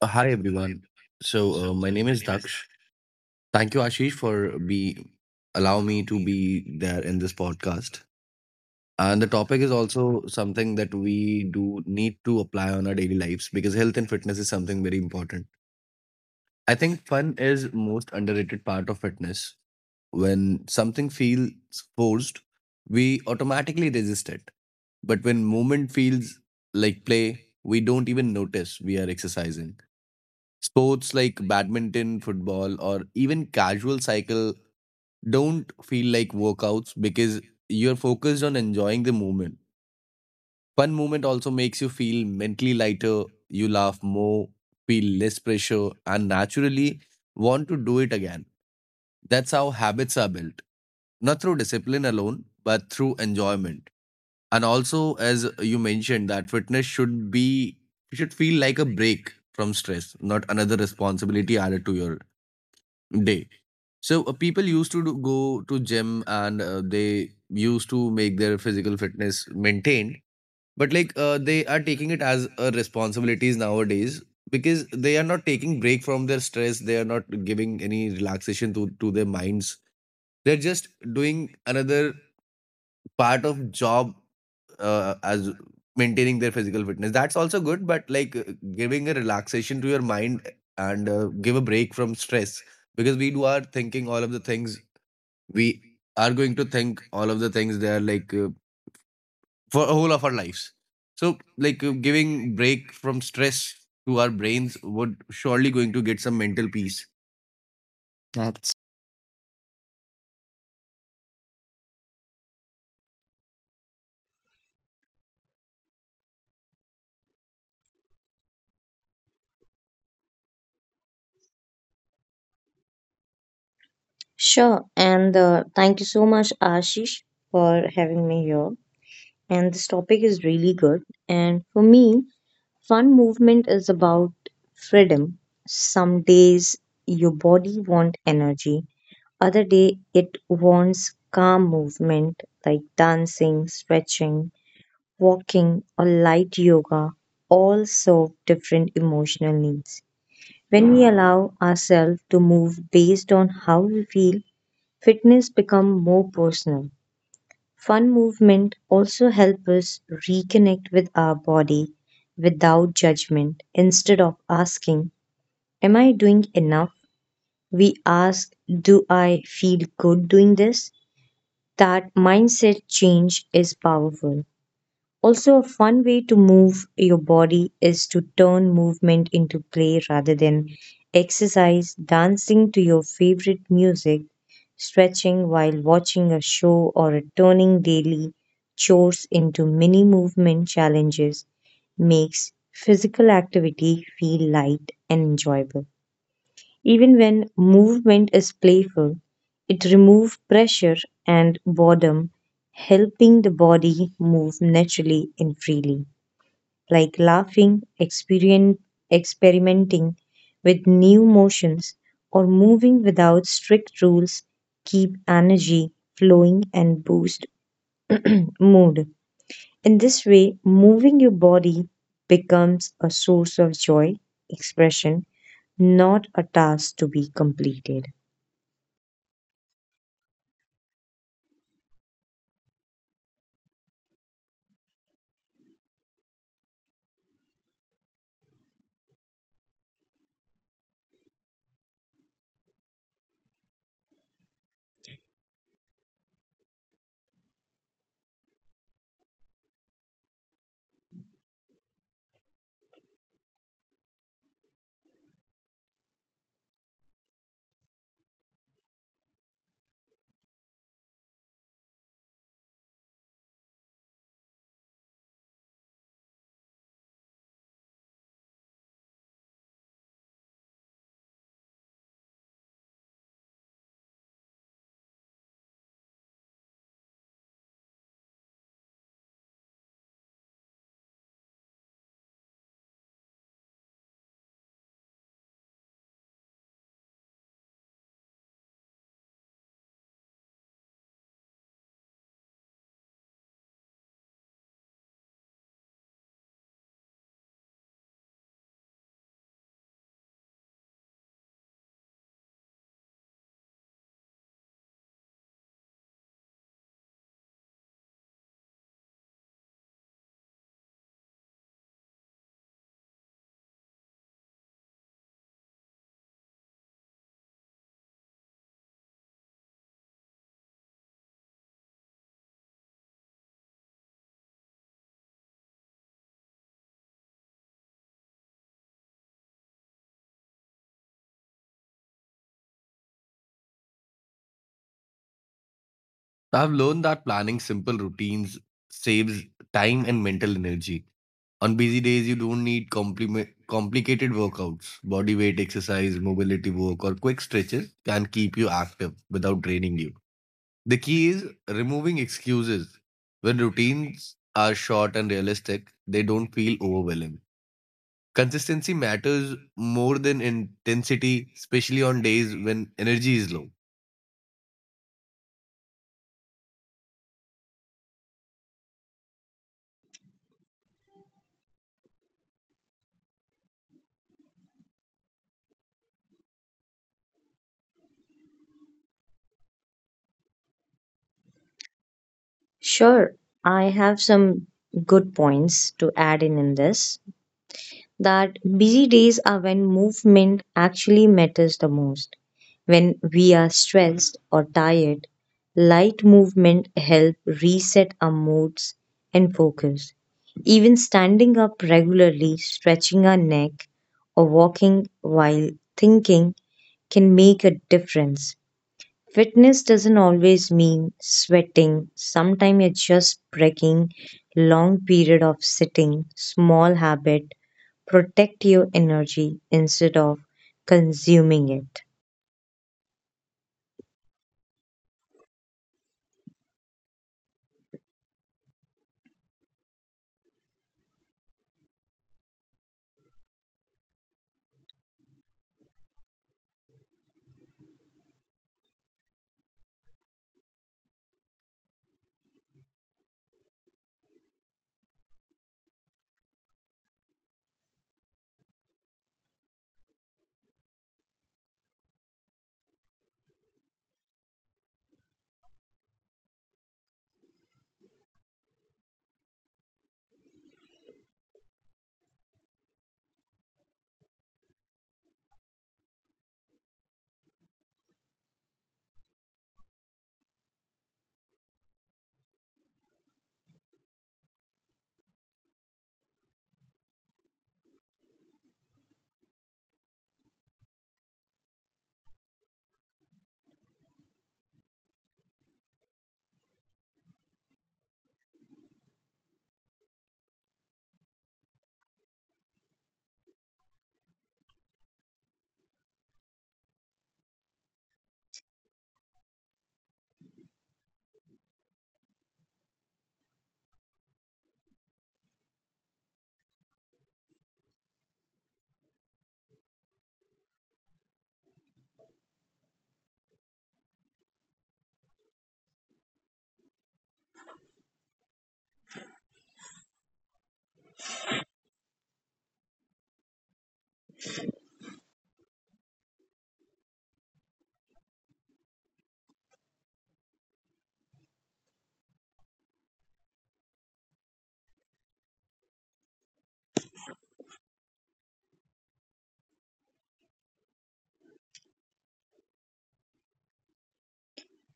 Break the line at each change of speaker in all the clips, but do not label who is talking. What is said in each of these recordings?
Hi everyone. So my name is Daksh. Thank you, Ashish, for be allow me to be there in this podcast. And the topic is also something that we do need to apply on our daily lives because health and fitness is something very important. I think fun is most underrated part of fitness. When something feels forced, we automatically resist it. But when movement feels like play, we don't even notice we are exercising. Sports like badminton, football, or even casual cycle don't feel like workouts because you're focused on enjoying the movement. Fun movement also makes you feel mentally lighter, you laugh more, feel less pressure, and naturally want to do it again. That's how habits are built, not through discipline alone, but through enjoyment. And also, as you mentioned, that fitness should be should feel like a break from stress, not another responsibility added to your day. So people used to do, go to gym, and they used to make their physical fitness maintained, but like they are taking it as a responsibilities nowadays because they are not taking break from their stress. They are not giving any relaxation to their minds. They're just doing another part of job as maintaining their physical fitness. That's also good, but like giving a relaxation to your mind and give a break from stress because we do are thinking all of the things, we are going to think all of the things they are like for a whole of our lives. So like giving break from stress to our brains would surely going to get some mental peace. That's
Sure, and thank you so much, Ashish, for having me here. And this topic is really good. And for me, fun movement is about freedom. Some days your body wants energy, other day it wants calm movement like dancing, stretching, walking, or light yoga. All serve different emotional needs. When we allow ourselves to move based on how we feel, fitness become more personal. Fun movement also help us reconnect with our body without judgment. Instead of asking, am I doing enough? We ask, do I feel good doing this? That mindset change is powerful. Also, a fun way to move your body is to turn movement into play rather than exercise, dancing to your favorite music, stretching while watching a show, or turning daily chores into mini movement challenges makes physical activity feel light and enjoyable. Even when movement is playful, it removes pressure and boredom, helping the body move naturally and freely, like laughing, experimenting with new motions, or moving without strict rules keep energy flowing and boost mood. In this way, moving your body becomes a source of joy, expression, not a task to be completed.
so, I've learned that planning simple routines saves time and mental energy. On busy days, you don't need complicated workouts. Body weight exercise, mobility work, or quick stretches can keep you active without draining you. The key is removing excuses. When routines are short and realistic, they don't feel overwhelming. Consistency matters more than intensity, especially on days when energy is low.
Sure, I have some good points to add in this that busy days are when movement actually matters the most. When we are stressed or tired, light movement help reset our moods and focus. Even standing up regularly, stretching our neck or walking while thinking can make a difference. Fitness doesn't always mean sweating. Sometimes it's just breaking long period of sitting, small habit, protect your energy instead of consuming it.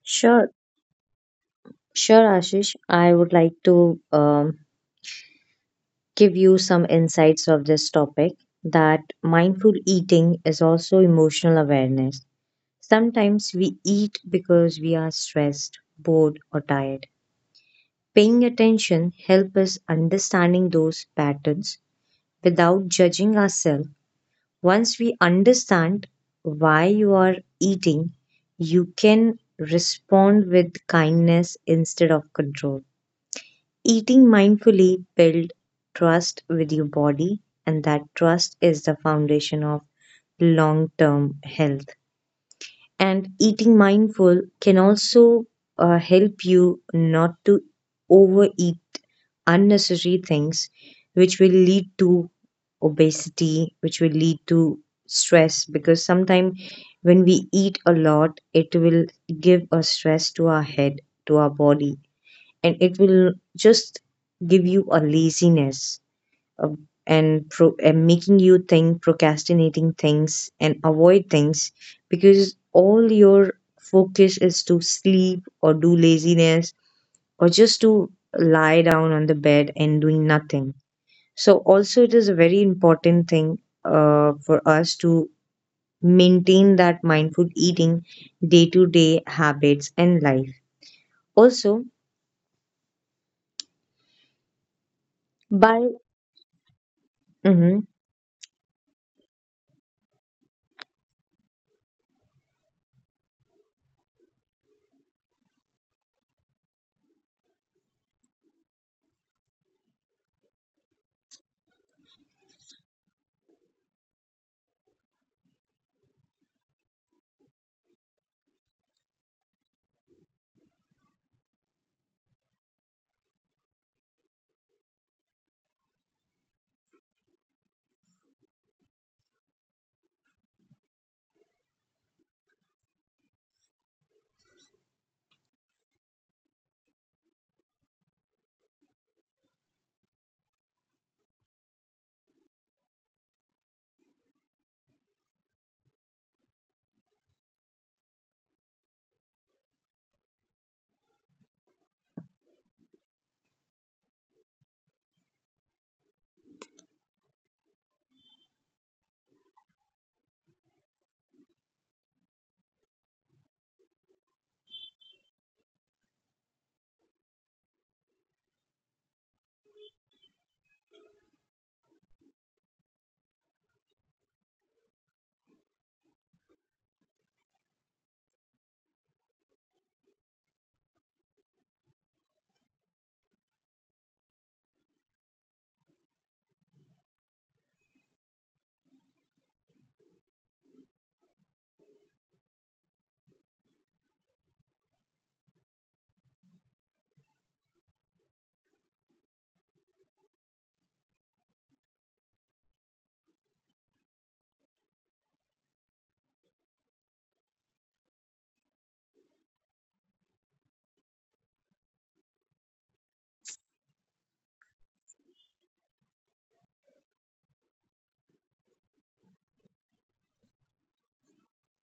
Sure, sure, Ashish, I would like to give you some insights of this topic that mindful eating is also emotional awareness. Sometimes we eat because we are stressed, bored, or tired. Paying attention helps us understanding those patterns without judging ourselves. Once we understand why you are eating, you can respond with kindness instead of control. Eating mindfully builds trust with your body, and that trust is the foundation of long term health, and eating mindful can also help you not to overeat unnecessary things, which will lead to obesity, which will lead to stress, because sometimes when we eat a lot, it will give a stress to our head, to our body, and it will just give you a laziness, uh, and making you think, procrastinating things and avoid things, because all your focus is to sleep or do laziness or just to lie down on the bed and doing nothing. So also it is a very important thing, for us to maintain that mindful eating day to day habits and life also by. Mhm.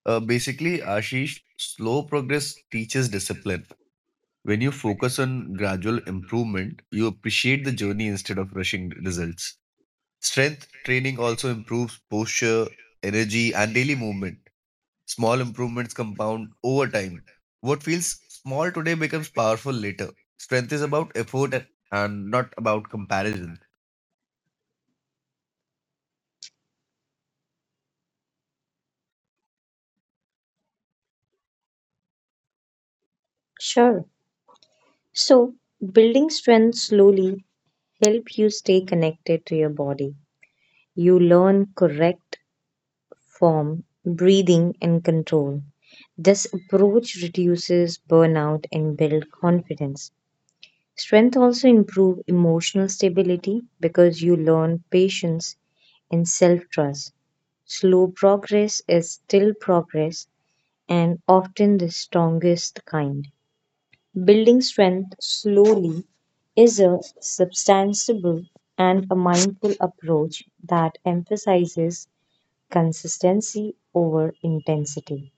Basically, Ashish, slow progress teaches discipline. When you focus on gradual improvement, you appreciate the journey instead of rushing results. Strength training also improves posture, energy, and daily movement. Small improvements compound over time. What feels small today becomes powerful later. Strength is about effort and not about comparison.
Sure, so building strength slowly help you stay connected to your body. You learn correct form, breathing, and control. This approach reduces burnout and builds confidence. Strength also improve emotional stability because you learn patience and self-trust. Slow progress is still progress, and often the strongest kind. Building strength slowly is a substantial and a mindful approach that emphasizes consistency over intensity.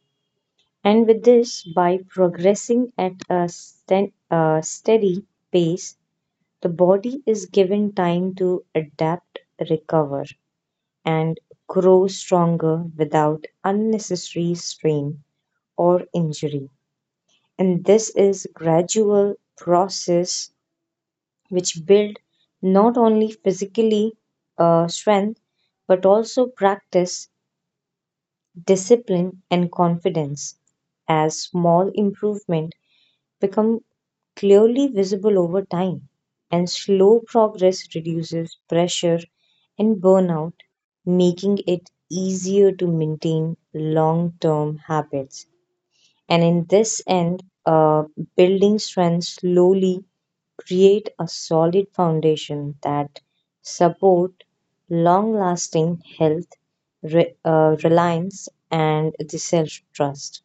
And with this, by progressing at a steady pace, the body is given time to adapt, recover, and grow stronger without unnecessary strain or injury. And this is gradual process which build not only physically strength, but also practice, discipline, and confidence as small improvement become clearly visible over time, and slow progress reduces pressure and burnout, making it easier to maintain long-term habits. And in this end, building strength slowly create a solid foundation that support long-lasting health, reliance, and the self-trust.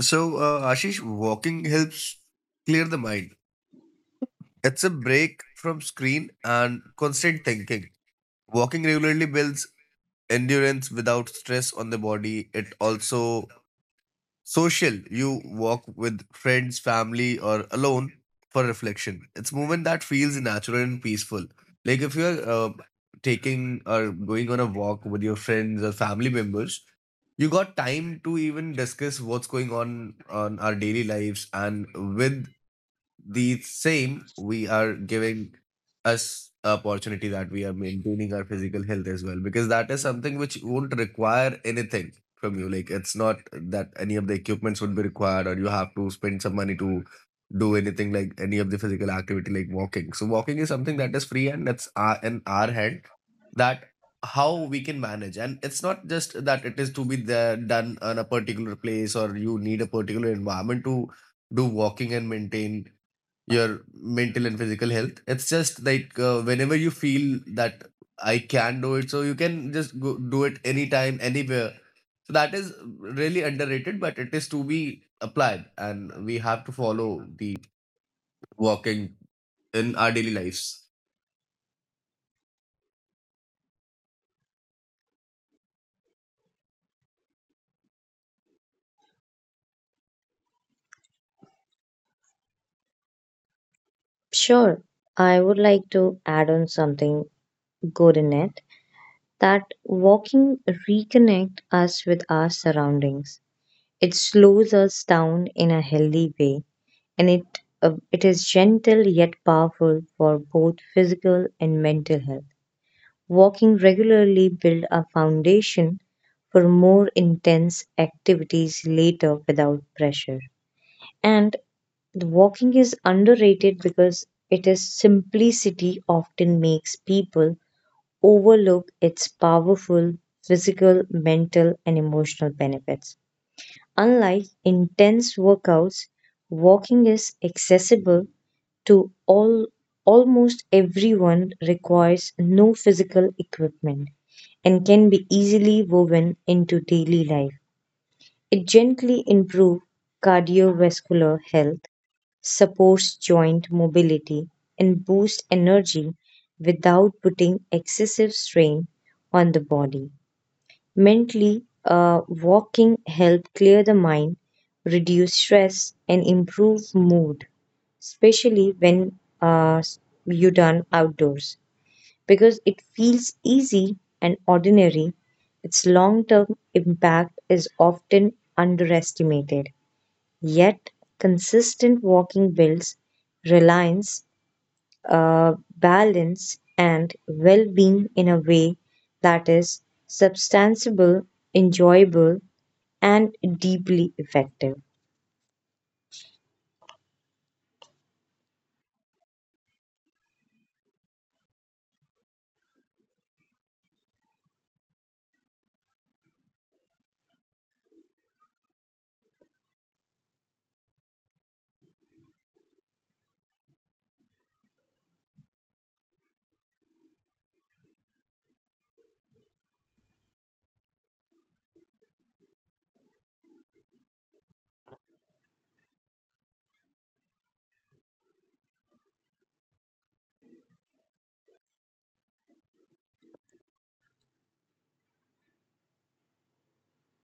So, Ashish, walking helps clear the mind. It's a break from screen and constant thinking. Walking regularly builds endurance without stress on the body. It also social. You walk with friends, family, or alone for reflection. It's movement that feels natural and peaceful. Like if you're taking or going on a walk with your friends or family members, you got time to even discuss what's going on our daily lives, and with the same we are giving us opportunity that we are maintaining our physical health as well, because that is something which won't require anything from you. Like, it's not that any of the equipments would be required or you have to spend some money to do anything like any of the physical activity like walking. So walking is something that is free and that's our, in our hand, that how we can manage. And it's not just that it is to be there done on a particular place or you need a particular environment to do walking and maintain your mental and physical health. It's just like, whenever you feel that I can do it, so you can just go, do it anytime anywhere. So that is really underrated, but it is to be applied and we have to follow the walking in our daily lives.
Sure, I would like to add on something good in it that walking reconnect us with our surroundings. It slows us down in a healthy way, and it is gentle yet powerful for both physical and mental health. Walking regularly build a foundation for more intense activities later without pressure. And the walking is underrated because it is simplicity often makes people overlook its powerful physical, mental and emotional benefits. Unlike intense workouts, walking is accessible to all, almost everyone, requires no physical equipment and can be easily woven into daily life. It gently improves cardiovascular health, supports joint mobility, and boosts energy without putting excessive strain on the body. Mentally, walking helps clear the mind, reduce stress, and improve mood, especially when you done outdoors. Because it feels easy and ordinary, its long term impact is often underestimated. Yet, consistent walking builds reliance, balance and well being in a way that is substantiable, enjoyable, and deeply effective.